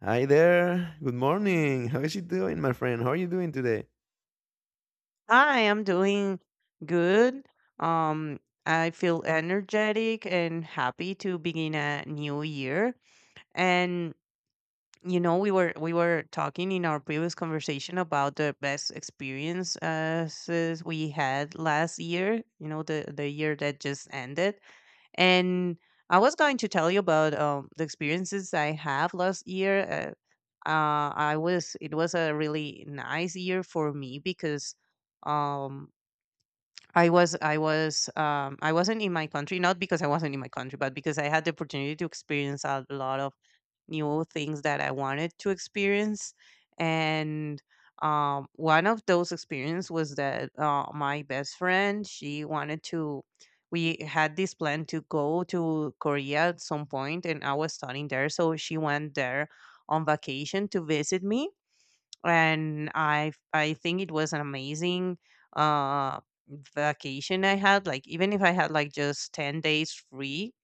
Hi there. Good morning. How is it doing, my friend? How are you doing today? I am doing good. Um, I feel energetic and happy to begin a new year. And you know, we were talking in our previous conversation about the best experiences we had last year. You know, the year that just ended, and I was going to tell you about the experiences I have last year. I was it was a really nice year for me because um I wasn't in my country, not because I wasn't in my country, but because I had the opportunity to experience a lot of new things that I wanted to experience. And one of those experiences was that my best friend she wanted to. We had this plan to go to Korea at some point, and I was studying there, so she went there on vacation to visit me, and I think it was an amazing uh vacation I had. Like even if I had like just 10 days free,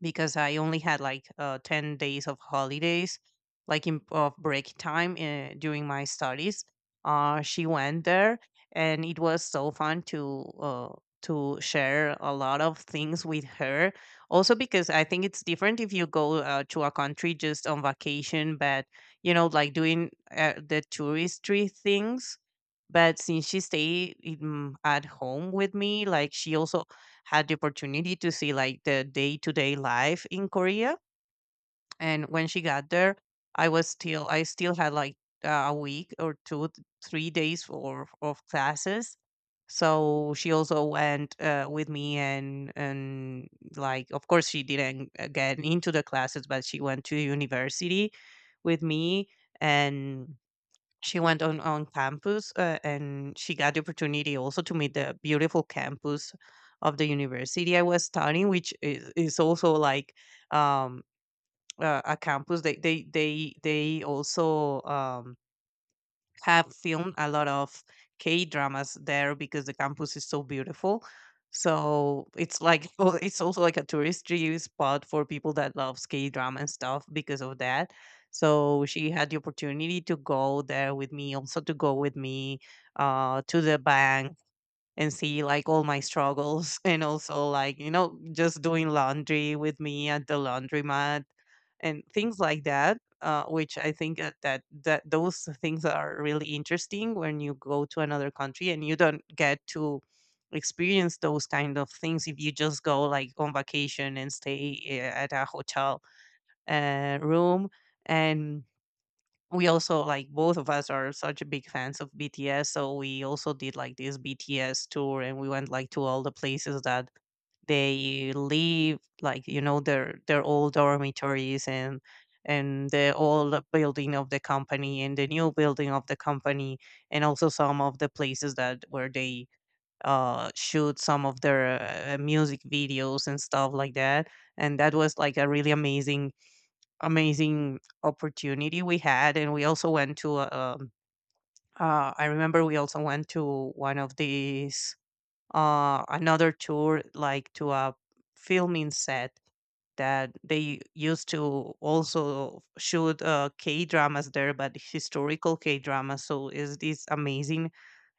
because I only had like 10 days of holidays, like in, of break time during my studies. She went there, and it was so fun to share a lot of things with her. Also because I think it's different if you go to a country just on vacation, but you know, like doing the touristy things, but since she stayed in, at home with me, like she also had the opportunity to see like the day to day life in Korea. And when she got there, I still had like a week or two, 3 days for of classes. So she also went with me, and like of course she didn't get into the classes, but she went to university with me, and she went on campus and she got the opportunity also to meet the beautiful campus of the university I was studying, which is also like um, a campus. They also have filmed a lot of K dramas there because the campus is so beautiful. So it's like well, it's also like a touristy spot for people that loves K drama and stuff because of that. So she had the opportunity to go there with me, also to go with me to the bank and see like all my struggles and also like you know just doing laundry with me at the laundromat and things like that, which I think that those things are really interesting when you go to another country and you don't get to experience those kind of things if you just go like on vacation and stay at a hotel room. And we also, like both of us are such big fans of BTS, so we also did like this BTS tour, and we went like to all the places that they live, like you know their old dormitories and the old building of the company and the new building of the company, and also some of the places that where they shoot some of their music videos and stuff like that. And that was like a really amazing opportunity we had, and we also went to I remember we also went to one of these another tour, like to a filming set that they used to also shoot K dramas there, but historical K dramas. So is this amazing?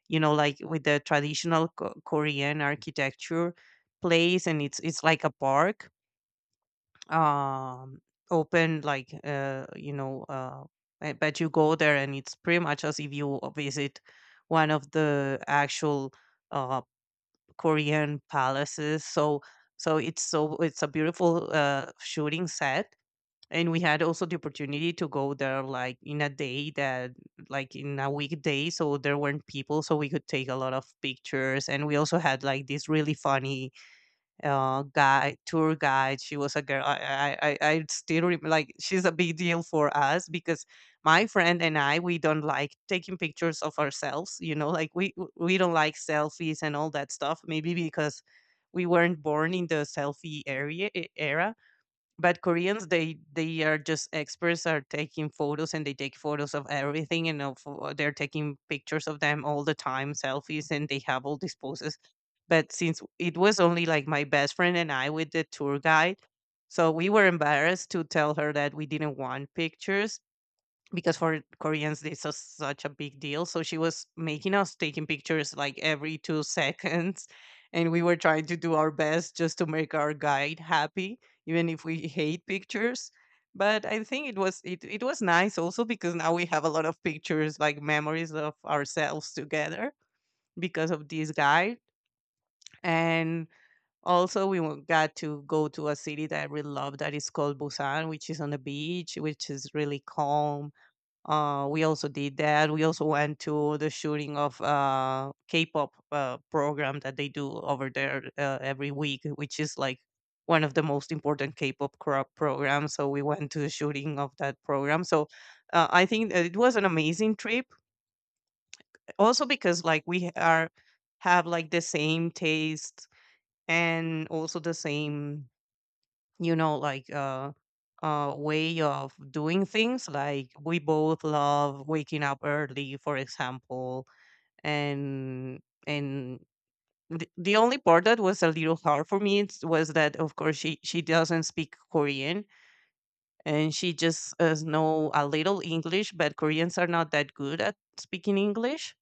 You know, like with the traditional Korean architecture place, and it's like a park, um open like I bet you go there and it's pretty much as if you visit one of the actual uh Korean palaces. So it's a beautiful shooting set, and we had also the opportunity to go there like in a day that, like in a weekday, so there weren't people, so we could take a lot of pictures. And we also had like this really funny guide tour guide. She was a girl. I still rem like she's a big deal for us because my friend and I, we don't like taking pictures of ourselves. You know, like we don't like selfies and all that stuff. Maybe because we weren't born in the selfie era, but Koreans, they are just experts are taking photos, and they take photos of everything and they're taking pictures of them all the time, selfies, and they have all these poses. But since it was only like my best friend and I with the tour guide, so we were embarrassed to tell her that we didn't want pictures, because for Koreans this was such a big deal. So she was making us taking pictures like every two seconds, and we were trying to do our best just to make our guide happy, even if we hate pictures. But I think it was it was nice also because now we have a lot of pictures, like memories of ourselves together, because of this guide. And also we got to go to a city that I really love that is called Busan, which is on the beach, which is really calm. Uh, we also did that. We also went to the shooting of K-pop program that they do over there every week, which is like one of the most important K-pop programs. So we went to the shooting of that program. So I think that it was an amazing trip. Also because like we are have like the same taste and also the same, you know, like way of doing things. Like we both love waking up early, for example. And and The, only part that was a little hard for me was that of course she doesn't speak Korean, and she just know a little English, but Koreans are not that good at speaking English.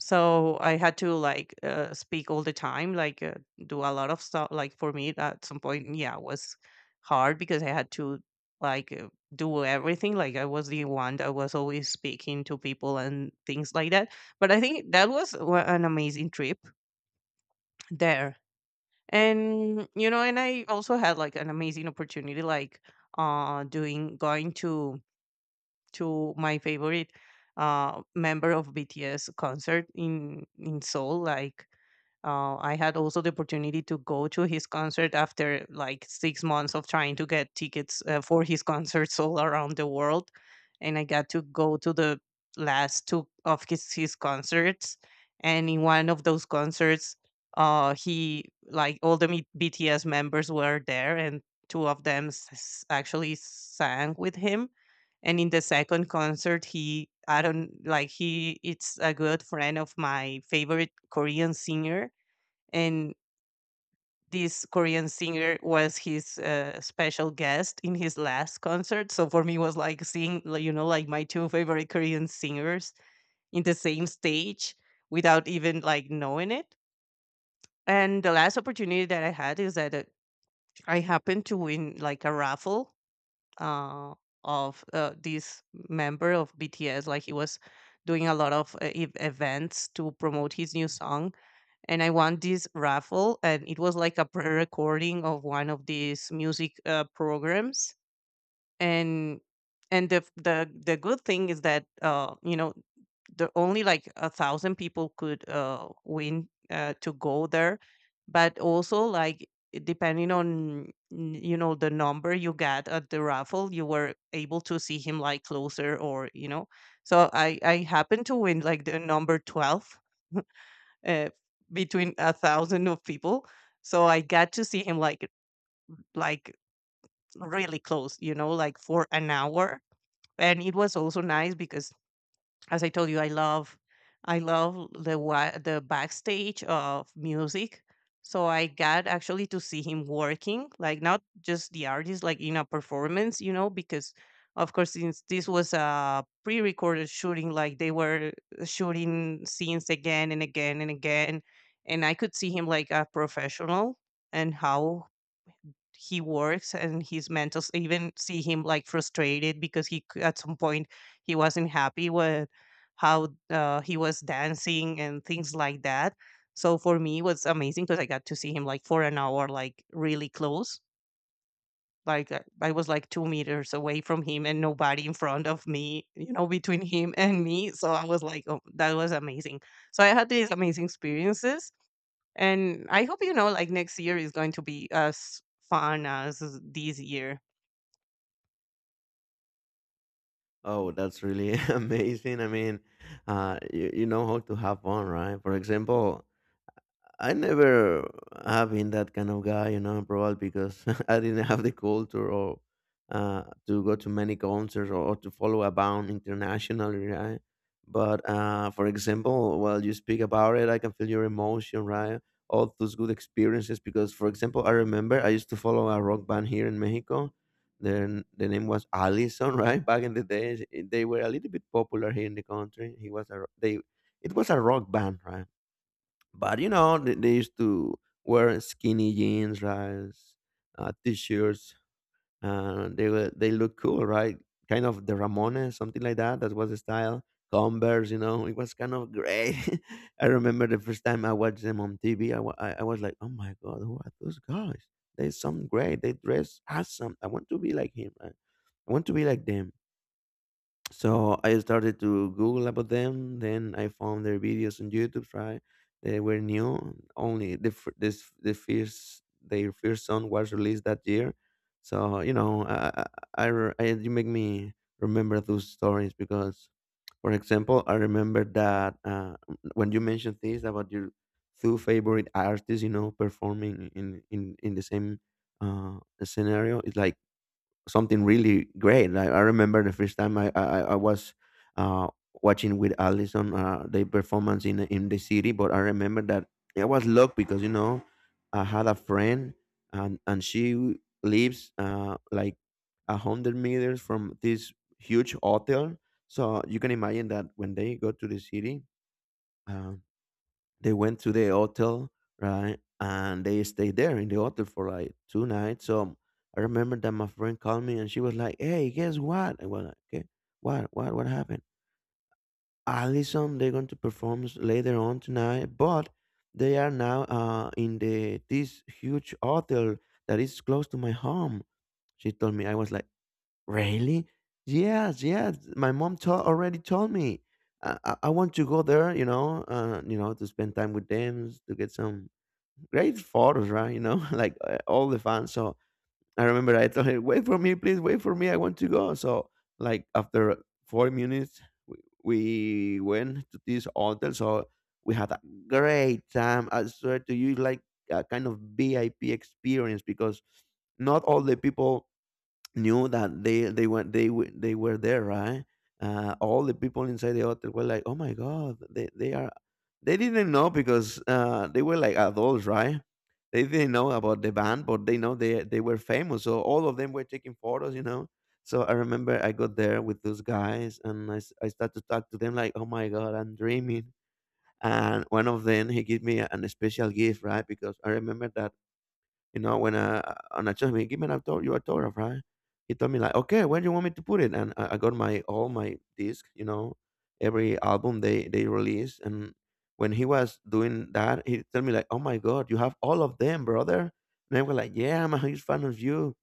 So I had to like speak all the time, like do a lot of stuff. Like for me at some point, yeah, it was hard because I had to like do everything. Like I was the one that was always speaking to people and things like that. But I think that was an amazing trip there. And you know, and I also had like an amazing opportunity, like doing going to my favorite member of BTS concert in Seoul. Like I had also the opportunity to go to his concert after like 6 months of trying to get tickets for his concerts all around the world, and I got to go to the last two of his concerts. And in one of those concerts, he, like all the BTS members were there, and two of them actually sang with him. And in the second concert, he, I don't, like he, it's a good friend of my favorite Korean singer, and this Korean singer was his special guest in his last concert. So for me was like seeing, like you know, like my two favorite Korean singers in the same stage without even like knowing it. And the last opportunity that I had is that I happened to win like a raffle, uh, of this member of BTS. Like he was doing a lot of events to promote his new song, and I won this raffle, and it was like a pre-recording of one of these music programs and and the good thing is that the only like 1,000 people could win to go there. But also like depending on the number you got at the raffle, you were able to see him like closer or you know. So I happened to win like the number 12, uh, between 1,000 of people, so I got to see him like really close, you know, like for an hour. And it was also nice because, as I told you, I love the the backstage of music. So I got actually to see him working, like not just the artist like in a performance, you know, because of course since this was a pre-recorded shooting, like they were shooting scenes again and again and again, and I could see him like a professional and how he works, and his mentors even see him like frustrated because at some point he wasn't happy with how he was dancing and things like that. So for me it was amazing because I got to see him like for an hour, like really close. Like I was like 2 meters away from him and nobody in front of me, you know, between him and me. So I was like, oh, that was amazing. So I had these amazing experiences, and I hope, you know, like next year is going to be as fun as this year. Oh, that's really amazing. I mean, you, you know how to have fun, right? For example, I never have been that kind of guy, you know, probably because I didn't have the culture or to go to many concerts or to follow a band internationally, right? But for example, while you speak about it, I can feel your emotion, right? All those good experiences. Because, for example, I remember I used to follow a rock band here in Mexico. Then the name was Allison, right? Back in the days, they were a little bit popular here in the country. He was a ro- they, it was a rock band, right? But you know, they used to wear skinny jeans, right? T-shirts, and they look cool, right? Kind of the Ramones, something like that. That was the style. Converse, you know, it was kind of great. I remember the first time I watched them on TV. I was like, oh my god, who are those guys? They sound great. They dress awesome. I want to be like him. Right? I want to be like them. So I started to Google about them. Then I found their videos on YouTube. Right, they were new. Only the fir- this the first their first song was released that year. So you know, you make me remember those stories because, for example, I remember that when you mentioned this about your two favorite artists, you know, performing in in the same scenario, it's like something really great. Like I remember the first time I was uh, watching with Allison the performance in the city, but I remember that I was lucky because you know I had a friend and she lives like 100 meters from this huge hotel, so you can imagine that when they go to the city. Uh, they went to the hotel, right? And they stayed there in the hotel for like two nights. So I remember that my friend called me and she was like, "Hey, guess what?" I was like, "Okay, what happened?" Allison, they're going to perform later on tonight, but they are now in the this huge hotel that is close to my home. She told me, I was like, "Really?" "Yes, yes. My mom already told me." I want to go there, you know, to spend time with them, to get some great photos, right? You know, like all the fans. So I remember I told her, "Wait for me, please. Wait for me. I want to go." So like after 4 minutes, we, we went to this hotel. So we had a great time. I swear to you, like a kind of VIP experience because not all the people knew that they were there, right? All the people inside the hotel were like, "Oh my god, they are." They didn't know because they were like adults, right? They didn't know about the band, but they know they were famous, so all of them were taking photos, you know. So I remember I got there with those guys and I started to talk to them like, "Oh my god, I'm dreaming." And one of them, he gave me an special gift, right? Because I remember that you know, when on a trust me, give me an your autograph, right? He told me like, "Okay, where do you want me to put it?" And I got my all my disc, you know, every album they release. And when he was doing that, he told me like, "Oh my god, you have all of them, brother." And I was like, "Yeah, I'm a huge fan of you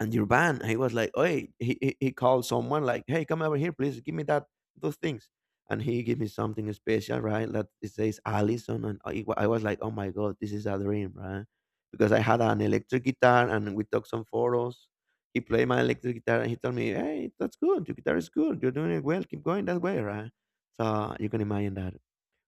and your van." He was like, "Hey," he called someone like, "Hey, come over here, please. Give me that those things." And he gave me something special, right? That it says Allison, and I was like, "Oh my god, this is a dream, right?" Because I had an electric guitar, and we took some photos. He played my electric guitar, and he told me, "Hey, that's good. Your guitar is good. You're doing it well. Keep going that way, right?" So you can imagine that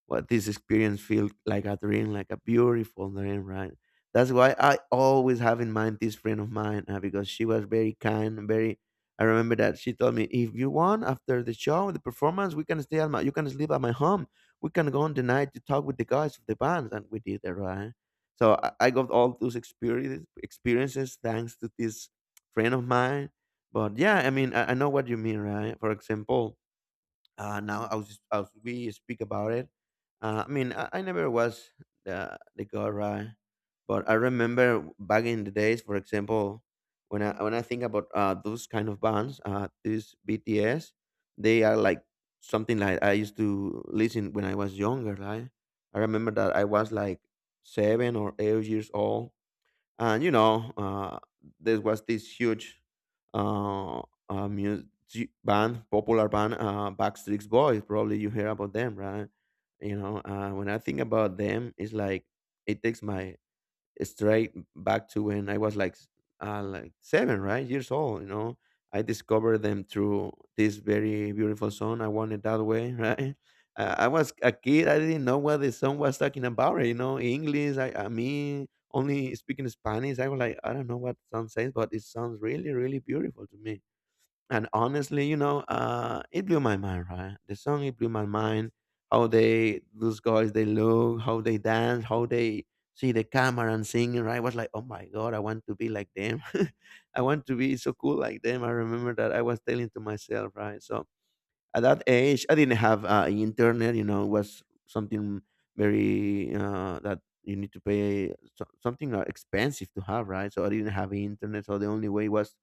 what this experience feel like a dream, like a beautiful dream, right? That's why I always have in mind this friend of mine, because she was very kind, and very. I remember that she told me, "If you want, after the show, the performance, we can stay at my, you can sleep at my home. We can go on the night to talk with the guys of the bands," and we did that, right? So I got all those experiences, experiences, thanks to this friend of mine. But yeah, I mean, I know what you mean, right? For example, now as we speak about it, I never was the guy, but I remember back in the days, for example, when I think about those kind of bands, these BTS, they are like something like I used to listen when I was younger, right? I remember that I was like 7 or 8 years old, and you know, there was this huge uh, music band popular band, Backstreet Boys, probably you hear about them, right? You know, when I think about them, it's like it takes my straight back to when I was like like 7, right, years old. You know, I discovered them through this very beautiful song, "I Want It That Way", right? I was a kid. I didn't know what the song was talking about. You know, English. I mean, only speaking Spanish. I was like, "I don't know what the song says, but it sounds really, really beautiful to me." And honestly, you know, it blew my mind, right? The song, it blew my mind. Those guys, they look, how they dance, how they see the camera and sing, right? I was like, "Oh my God, I want to be like them." I want to be so cool like them. I remember that I was telling to myself, right? So at that age I didn't have internet. You know, it was something very that you need to pay, something expensive to have, right? So I didn't have internet, so the only way was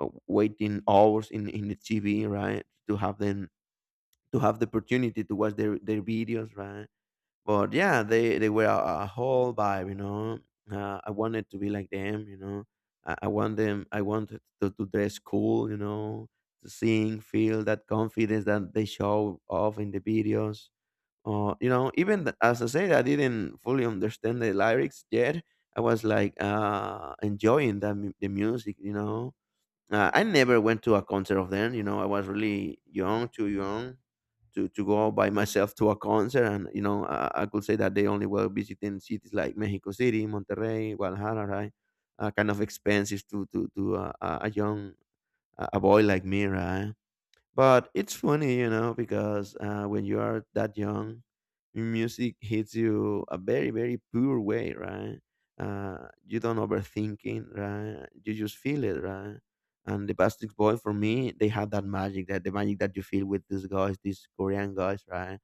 waiting hours in the TV, right, to have them, to have the opportunity to watch their videos, right? But yeah, they were a whole vibe, you know. I wanted to be like them, you know. I want them. I wanted to dress cool, you know, to sing, feel that confidence that they show off in the videos. Or you know, even as I said, I didn't fully understand the lyrics yet. I was like enjoying the music, you know. I never went to a concert of them. You know, I was really young, too young to go out by myself to a concert. And, you know, I could say that they only were visiting cities like Mexico City, Monterrey, Guadalajara, right? Kind of expensive to a young, a boy like me, right? But it's funny, you know, because when you are that young, music hits you a very, very pure way, right? You don't overthinking, right? You just feel it, right? And the Backstreet Boy, for me, they had that magic, that the magic that you feel with these guys, these Korean guys, right?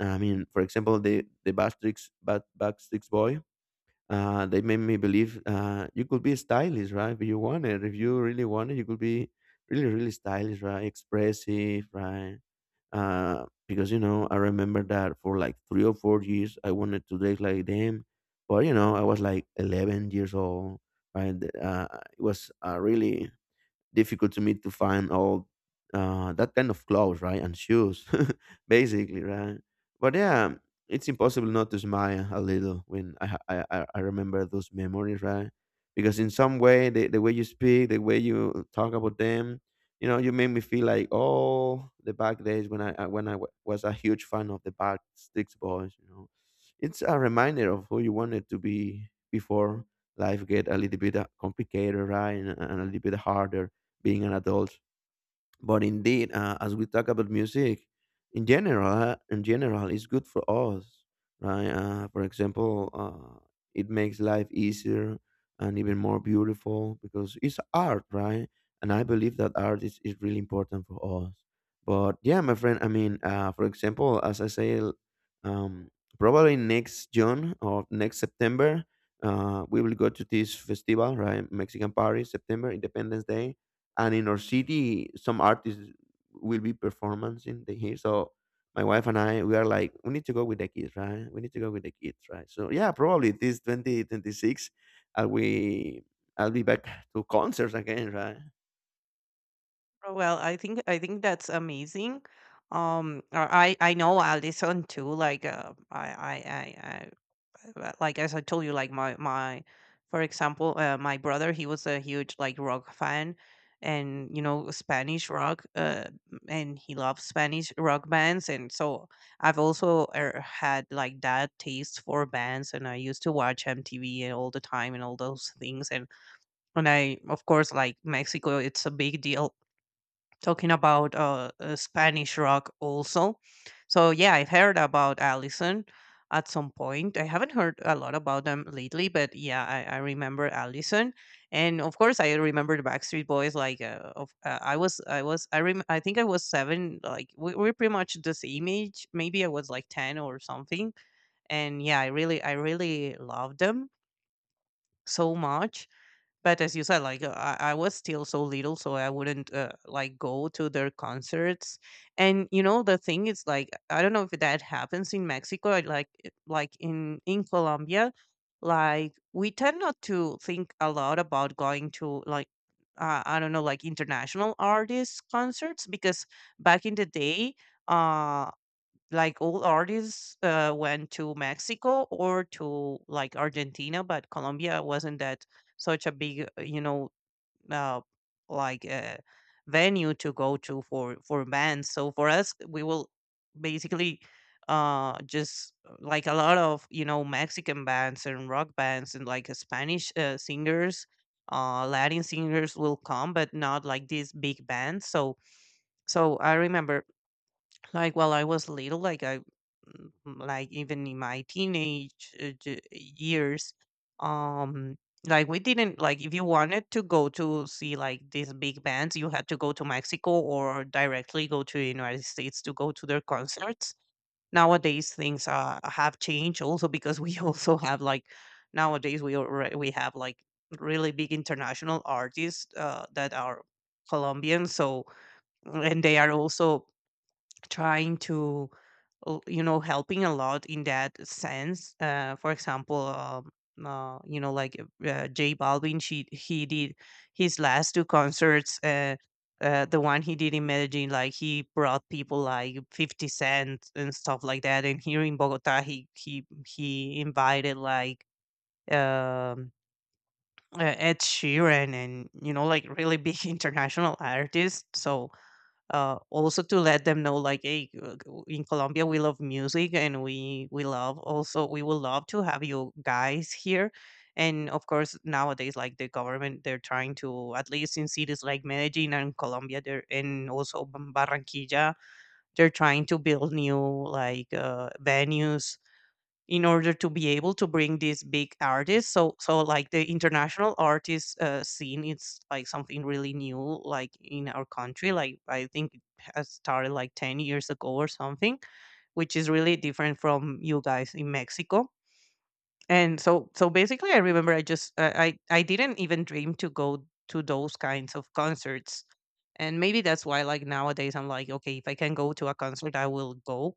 I mean, for example, the Backstreet Boy, they made me believe you could be stylish, right? If you want it, if you really want it, you could be really, really stylish, right? Expressive, right? Because you know, I remember that for like 3 or 4 years, I wanted to date like them, but you know, I was like 11 years old, right? Uh, it was really difficult to me to find all that kind of clothes, right, and shoes, basically, right. But yeah, it's impossible not to smile a little when I ha- I remember those memories, right? Because in some way, the way you speak, the way you talk about them, you know, you made me feel like oh, the back days when was a huge fan of the Backsticks Boys, you know. It's a reminder of who you wanted to be before life get a little bit complicated, right, and a little bit harder being an adult. But indeed, as we talk about music in general, it's good for us, right? For example, it makes life easier and even more beautiful because it's art, right? And I believe that art is really important for us. But yeah, my friend, I mean, for example, as I say, um, probably next June or next September, we will go to this festival, right? Mexican Paris, September Independence Day, and in our city some artists will be performing the here. So my wife and I, we are like, we need to go with the kids, right? We need to go with the kids, right? So yeah, probably this 2026, i'll we I'll be back to concerts again, right? Oh, well, I think that's amazing. I know Alison too. Like, I like as I told you, like for example, my brother, he was a huge like rock fan, and you know, Spanish rock, and he loves Spanish rock bands. And so I've also had like that taste for bands, and I used to watch MTV all the time and all those things. And I, of course, like Mexico, it's a big deal talking about Spanish rock also. So yeah, I've heard about Allison at some point. I haven't heard a lot about them lately, but yeah, I remember Allison, and of course I remember the Backstreet Boys. Like, of, I was, I was, I rem- I think I was seven. Like, we're pretty much the same age. Maybe I was like ten or something. And yeah, I really loved them so much, but as you said, like I was still so little, so I wouldn't like go to their concerts. And you know, the thing is, like I don't know if that happens in Mexico, like in Colombia, like we tend not to think a lot about going to like, I don't know, like international artists concerts because back in the day, uh like all artists went to Mexico or to like Argentina, but Colombia wasn't that such a big, you know, uh, like uh, venue to go to for bands. So for us, we will basically just like a lot of, you know, Mexican bands and rock bands, and like Spanish singers, Latin singers will come, but not like these big bands. So so I remember, like while I was little, like, like, even in my teenage years, um, like, we didn't, like, if you wanted to go to see, like, these big bands, you had to go to Mexico or directly go to the United States to go to their concerts. Nowadays, things have changed also because we also have, like, nowadays we already, we have, like, really big international artists that are Colombian. So, and they are also trying to you know, helping a lot in that sense. For example, you know, like J Balvin, she he did his last 2 concerts, the one he did in Medellin, like he brought people like 50 cent and stuff like that, and here in Bogota he invited like um Ed Sheeran, and you know like really big international artists. So also to let them know like, hey, in Colombia we love music, and we love, also we would love to have you guys here. And of course nowadays like the government, they're trying to, at least in cities like Medellin and Colombia, they're and also Barranquilla, they're trying to build new like venues in order to be able to bring these big artists. So so like the international artist scene, it's like something really new, like in our country. Like I think it has started like 10 years ago or something, which is really different from you guys in Mexico. And so so basically I remember I just I didn't even dream to go to those kinds of concerts. And maybe that's why like nowadays I'm like, okay, if I can go to a concert I will go.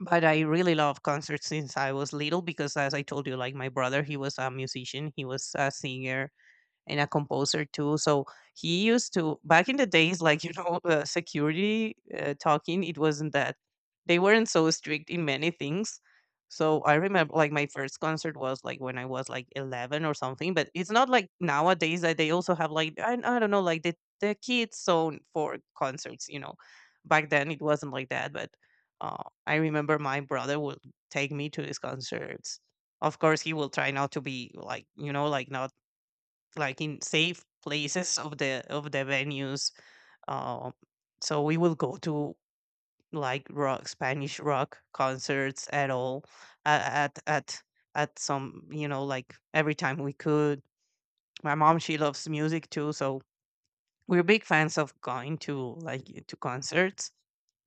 But I really love concerts since I was little because, as I told you, like my brother, he was a musician, he was a singer, and a composer too. So he used to, back in the days, like you know, security talking. It wasn't that they weren't so strict in many things. So I remember, like my first concert was like when I was like 11 or something. But it's not like nowadays that they also have like, I don't know, like the kids zone for concerts. You know, back then it wasn't like that. But I remember my brother would take me to these concerts. Of course, he will try not to be like, you know, like not like in safe places of the venues. Um, so we will go to like rock, Spanish rock concerts at all, uh, at at at some, you know, like every time we could. My mom, she loves music too, so we're big fans of going to like to concerts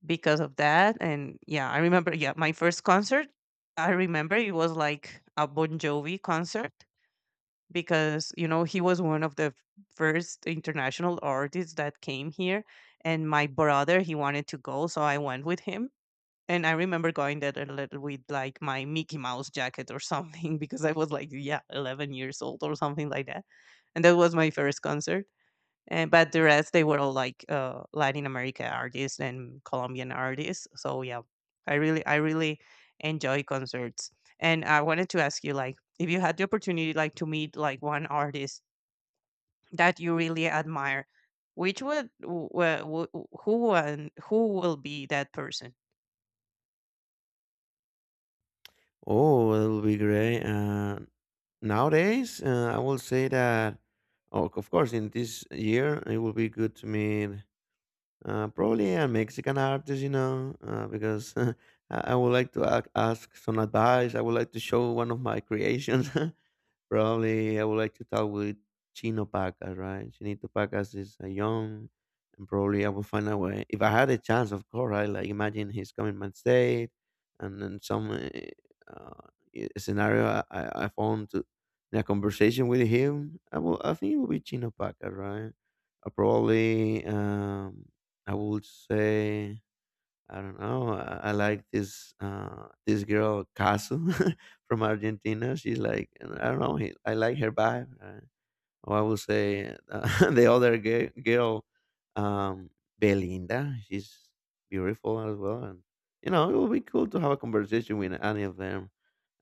because of that. And yeah, I remember, yeah, my first concert. I remember it was like a Bon Jovi concert, because you know he was one of the first international artists that came here, and my brother he wanted to go, so I went with him. And I remember going there a little with like my Mickey Mouse jacket or something because I was like yeah 11 years old or something like that. And that was my first concert. And but the rest, they were all like Latin America artists and Colombian artists. So yeah, I really enjoy concerts. And I wanted to ask you, like, if you had the opportunity like to meet like one artist that you really admire, which would who, and who will be that person? Oh, it'll be great. Nowadays, I will say that oh, of course, in this year it will be good to meet probably a Mexican artist, you know, because I would like to ask some advice. I would like to show one of my creations. Probably I would like to talk with Chino Pacas, right? Chinito Pacas is a young, and probably I will find a way. If I had a chance, of course, right? Like imagine he's coming my state, and then some uh, scenario I found to, in a conversation with him, I will. I think it will be Chino Pacas, right? I probably I would say I don't know. I like this this girl Casu from Argentina. She's like I don't know. I like her vibe. Or I would say the other girl, um, Belinda. She's beautiful as well, and you know it would be cool to have a conversation with any of them.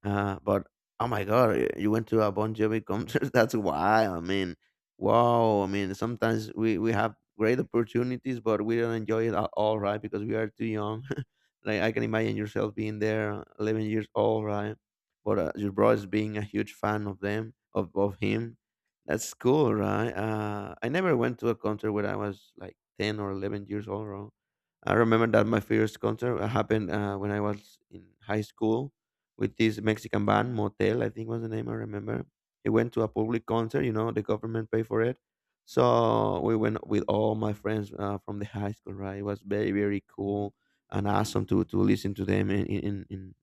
But oh my god, you went to a Bon Jovi concert. That's why. I mean, wow. I mean, sometimes we have great opportunities, but we don't enjoy it at all, right? Because we are too young. Like I can imagine yourself being there, 11 years old, right? But your bro is being a huge fan of them, of him. That's cool, right? I never went to a concert when I was like 10 or 11 years old, right? I remember that my first concert happened when I was in high school with this Mexican band, Motel, I think was the name I remember. It went to a public concert, you know, the government paid for it. So we went with all my friends from the high school, right? It was very, very cool and awesome to listen to them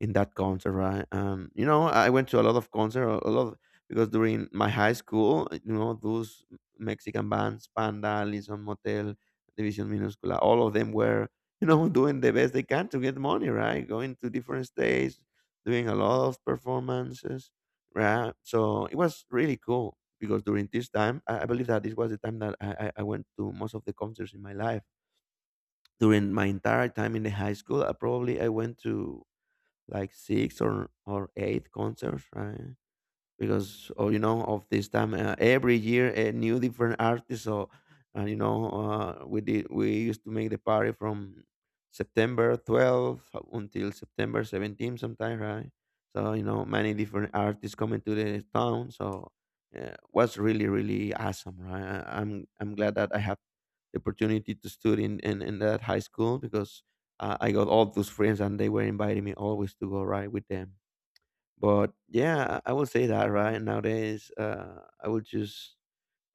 in that concert, right? You know, I went to a lot of concert, because during my high school, eh, you know, those Mexican bands, Panda, Lison Motel, Division Minuscula, all of them were, you know, doing the best they can to get money, right? Going to different states, doing a lot of performances, right? So it was really cool because during this time, I believe that this was the time that I went to most of the concerts in my life. During my entire time in the high school, I probably I went to like six or eight concerts, right? Because oh, you know, of this time, every year a new different artist. So we used to make the party from september 12th until september 17th sometime, right? So you know, many different artists coming to the town. So was really really awesome, right? I'm glad that I have the opportunity to study in that high school because I got all those friends, and they were inviting me always to go right with them. But yeah, I would say that right nowadays, I would choose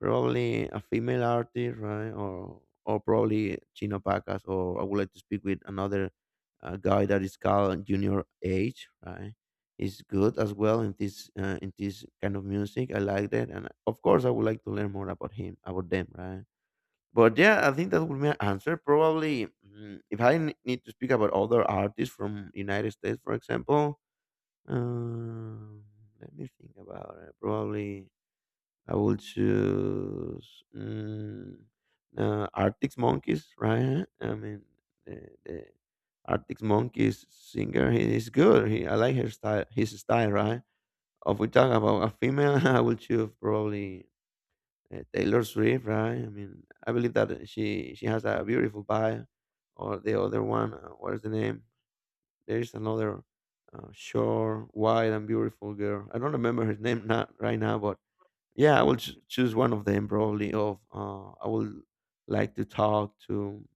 probably a female artist, right, or probably Chino Pacas, or I would like to speak with another guy that is called Junior H, right. He's good as well in this kind of music. I like that, and of course, I would like to learn more about him, about them, right. But yeah, I think that would be my answer. Probably, mm, if I need to speak about other artists from United States, for example, um, let me think about it. Probably I will choose Arctic Monkeys, right? I mean, the Arctic Monkeys singer, he is good. He, I like her style, his style, right? If we talk about a female, I will choose probably Taylor Swift, right? I mean, I believe that she has a beautiful bio, or the other one, what is the name? There's another short, wide, and beautiful girl. I don't remember her name not right now, but yeah, I will choose one of them probably. Of I would like to talk to.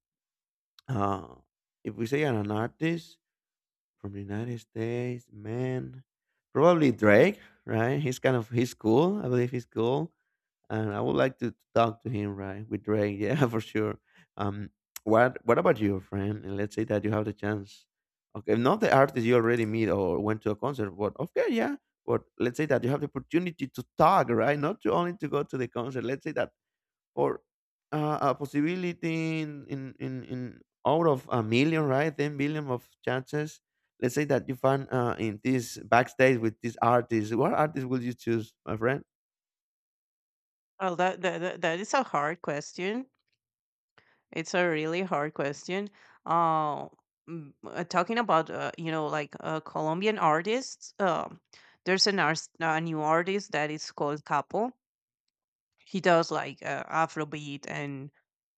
Uh, if we say an artist from the United States, man, probably Drake. Right? He's kind of he's cool. I believe he's cool and I would like to talk to him, right? With Drake, yeah, for sure. Um, what what about you, friend? And let's say that you have the chance. Okay, not the artist you already meet or went to a concert, but okay, yeah. But let's say that you have the opportunity to talk, right? Not to only to go to the concert. Let's say that for a possibility in out of a million, right? 10 billion of chances. Let's say that you find in this backstage with this artist. What artist would you choose, my friend? Well, that is a hard question. It's a really hard question. Uh, talking about you know, like Colombian artists, there's an artist, a new artist that is called Capo. He does like Afrobeat and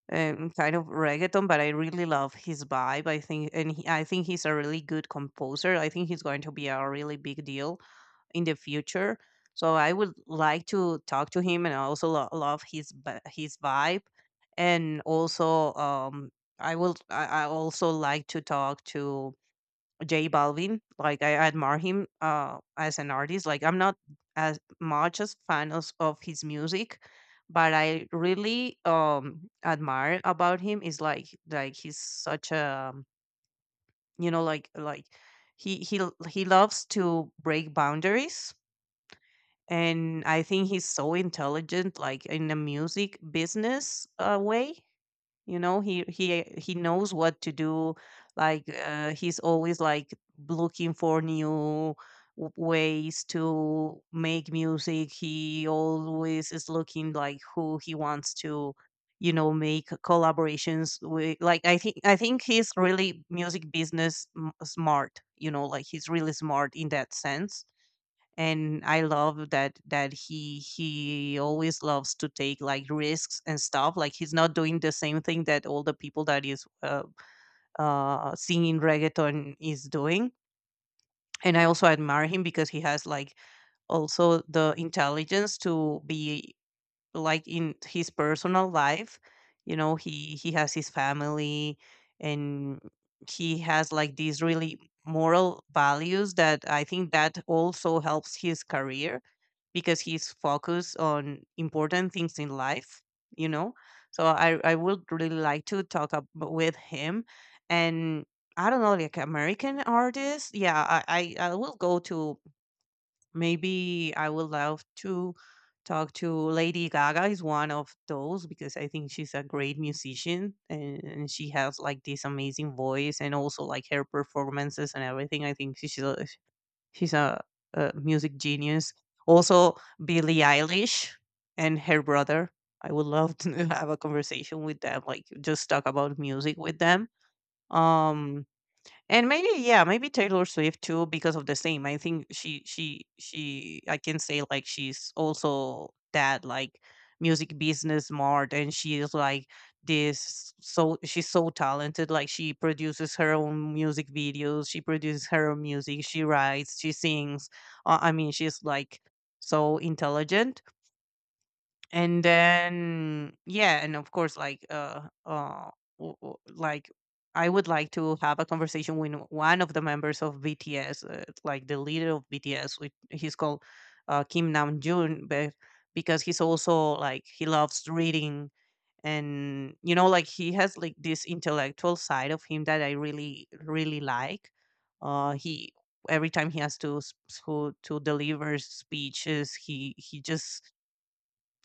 kind of reggaeton, but I really love his vibe. I think he's a really good composer. I think he's going to be a really big deal in the future. So I would like to talk to him, and I also love his his vibe. And also I will I also like to talk to J Balvin. Like I admire him as an artist. Like I'm not as much as fan of his music, but I really admire about him is like he's such a, you know, he loves to break boundaries. And I think he's so intelligent, like in the music business way. You know, he knows what to do. Like he's always like looking for new ways to make music. He always is looking like who he wants to, you know, make collaborations with. Like I think he's really music business smart. You know, like he's really smart in that sense. And I love that he always loves to take like risks and stuff. Like he's not doing the same thing that all the people that is singing reggaeton is doing. And I also admire him because he has like also the intelligence to be like in his personal life. You know, he has his family, and he has like these really moral values that I think that also helps his career because he's focused on important things in life, you know. So I would really like to talk up with him. And I don't know, like American artists, yeah, I will go to, maybe I would love to talk to Lady Gaga is one of those, because I think she's a great musician, and she has like this amazing voice and also like her performances and everything. I think she's a, a music genius. Also Billie Eilish and her brother. I would love to have a conversation with them, like just talk about music with them. Um and maybe, yeah, maybe Taylor Swift too, because of the same. I think she I can say like she's also that like music business smart, and she is like this so she's so talented. Like, she produces her own music videos, she produces her own music, she writes, she sings. I mean, she's like so intelligent. And then yeah, and of course like like I would like to have a conversation with one of the members of BTS, like the leader of BTS, which he's called Kim Namjoon, but because he's also like he loves reading, and you know like he has like this intellectual side of him that I really really like. He, every time he has to to deliver speeches, he just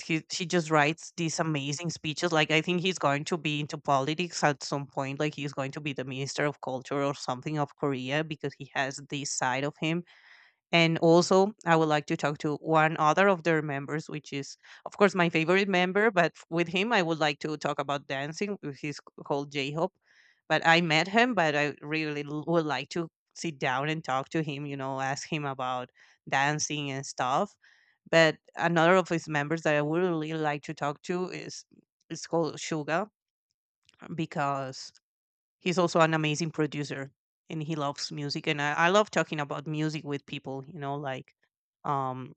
he just writes these amazing speeches. Like, I think he's going to be into politics at some point. Like, he's going to be the minister of culture or something of Korea because he has this side of him. And also, I would like to talk to one other of their members, which is, of course, my favorite member. But with him, I would like to talk about dancing. He's called J Hope. But I met him, but I really would like to sit down and talk to him, you know, ask him about dancing and stuff. But another of his members that I would really like to talk to is, it's called Suga because he's also an amazing producer and he loves music. And I love talking about music with people, you know, like, um,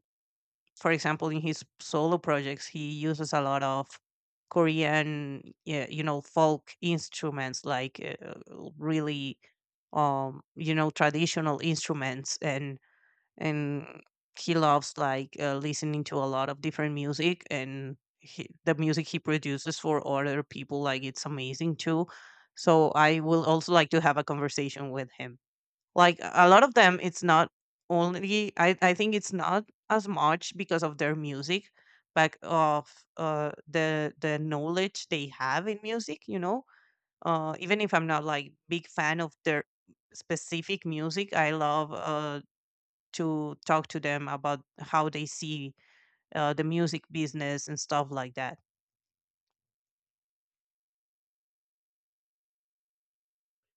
for example, in his solo projects, he uses a lot of Korean, yeah, you know, folk instruments, like really, you know, traditional instruments. And he loves like listening to a lot of different music, and the music he produces for other people like it's amazing too. So I will also like to have a conversation with him. Like, a lot of them, it's not only I think it's not as much because of their music, but of the knowledge they have in music, you know. Even if I'm not like big fan of their specific music, I love to talk to them about how they see the music business and stuff like that.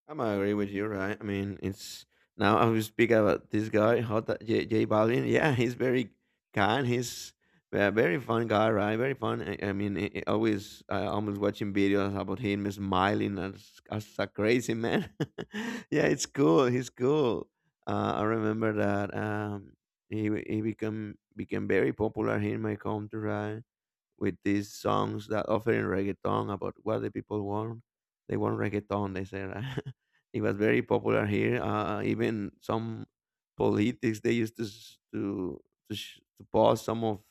I'm agree with you, right? I mean, it's now I will speak about this guy, J Balvin. Yeah, he's very kind. He's a very fun guy, right? Very fun. I always I almost watching videos about him smiling as a crazy man. Yeah, it's cool. He's cool. I remember that he become became very popular here in my country, right? With these songs that offering reggaeton about what the people want. They want reggaeton, they said. It was very popular here. Even some politics they used to to post some of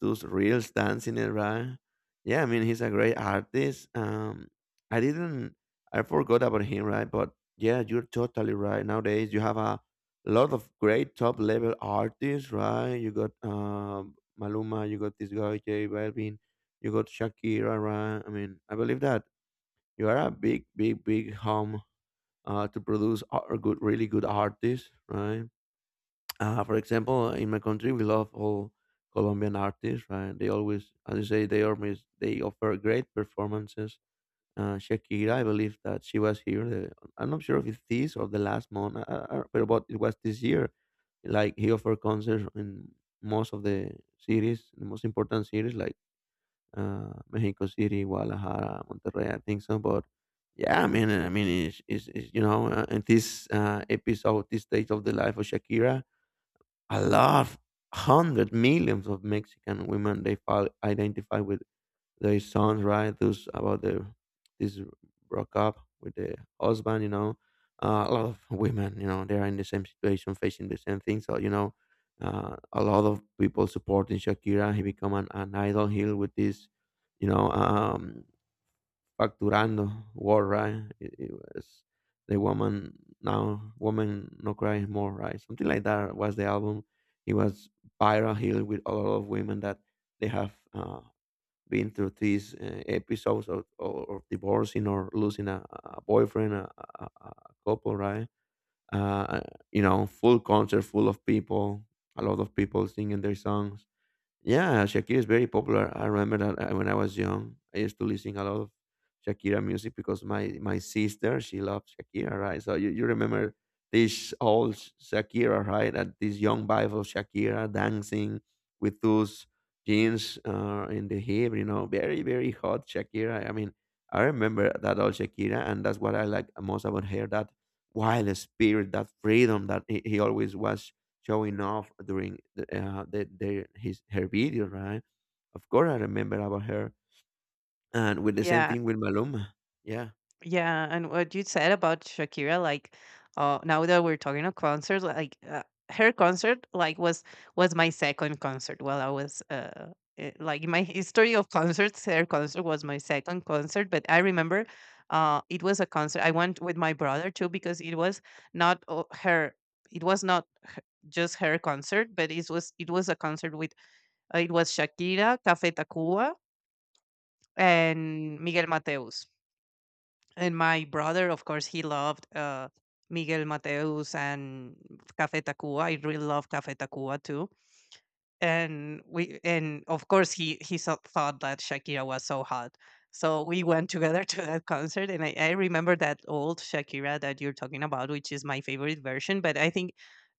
those reels dancing it, right? Yeah, I mean he's a great artist. I didn't, I forgot about him, right? But yeah, you're totally right. Nowadays you have a lot of great top level artists, right? You got Maluma, you got this guy J Balvin, you got Shakira. Right? I mean, I believe that you are a big, big, big home to produce a good, really good artists, right? For example, in my country, we love all Colombian artists, right? They always, as you say, they offer great performances. Shakira, I believe that she was here. I'm not sure if it's this or the last month, but but it was this year. Like he offered concerts in most of the cities, the most important cities, like Mexico City, Guadalajara, Monterrey. I think so, but yeah, I mean, it's you know, in this episode, this stage of the life of Shakira, a lot, hundred millions of Mexican women they file identify with their songs, right? Those about the this broke up with the husband, you know. A lot of women, you know, they are in the same situation, facing the same thing. So, you know, a lot of people supporting Shakira. He become an idol here with this, you know, facturando war, right? It was the woman now, woman no cry more, right? Something like that was the album. It was viral here with a lot of women that they have. Been through these episodes of divorcing or losing a boyfriend, a couple, right? Uh, you know, full concert, full of people, a lot of people singing their songs. Yeah, Shakira is very popular. I remember that when I was young, I used to listen a lot of Shakira music because my sister she loves Shakira, right? So you remember this old Shakira, right? And this young vibe of Shakira dancing with those jeans in the hip, you know, very very hot Shakira. I mean, I remember that old Shakira, and that's what I like most about her. That wild spirit, that freedom that he always was showing off during their his her video, right? Of course, I remember about her, and with the same Yeah, thing with Maluma. Yeah, Yeah, and what you said about Shakira, like, now that we're talking of concerts, like her concert, like, was my second concert. While I was, like in my history of concerts, her concert was my second concert. But I remember, it was a concert I went with my brother too because it was not o- her. It was not just her concert, but it was a concert with it was Shakira, Café Tacuba, and Miguel Mateus. And my brother, of course, he loved Miguel Mateus and Café Tacuba. I really love Café Tacuba too. And and of course, he thought that Shakira was so hot. So we went together to that concert, and I remember that old Shakira that you're talking about, which is my favorite version. But I think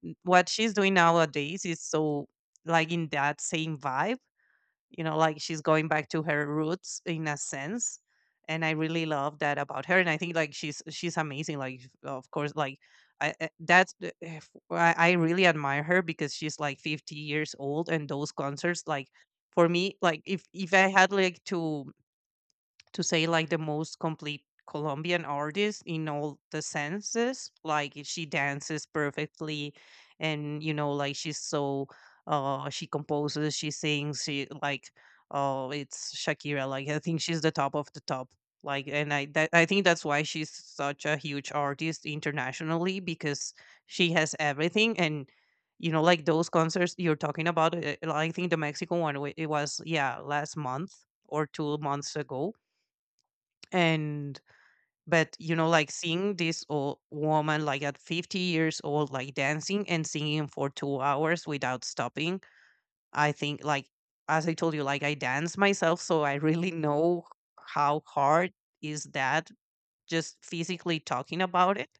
what she's doing nowadays is so like in that same vibe. You know, like she's going back to her roots in a sense, and I really love that about her. And I think like she's amazing. Like, of course, like that's the- if- I really admire her because she's like 50 years old, and those concerts like, for me, like if I had like to say like the most complete Colombian artist in all the senses. Like, she dances perfectly, and you know, like she's so she composes, she sings, she like oh, it's Shakira. Like, I think she's the top of the top. Like, and I think that's why she's such a huge artist internationally because she has everything. And you know like those concerts you're talking about, I think the Mexican one it was, yeah, last month or 2 months ago. And but you know, like seeing this old woman like at 50 years old like dancing and singing for 2 hours without stopping, I think like as I told you, like I dance myself, so I really know how hard is that, just physically talking about it.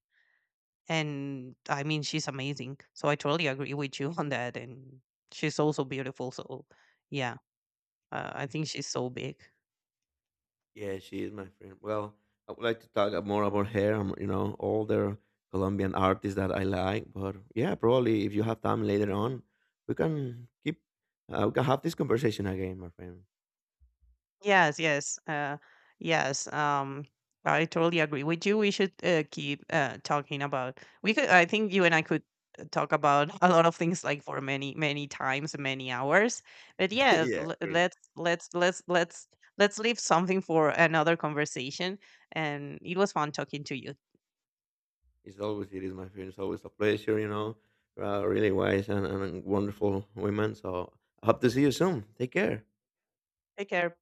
And I mean, she's amazing, so I totally agree with you on that. And she's also beautiful, so yeah. I think she's so big. yeah, she is my friend. Well, I would like to talk more about her. Um, you know, all the Colombian artists that I like, but yeah, probably if you have time later on, we can keep we can have this conversation again, my friend. Yes, yes, yes. I totally agree with you. We should keep talking about. We could. I think you and I could talk about a lot of things like for many, many times, many hours. But yeah, Yeah, great. Let's leave something for another conversation. And it was fun talking to you. It's always it is my friend. It's always a pleasure, you know. Really wise and wonderful women. So I hope to see you soon. Take care. Take care.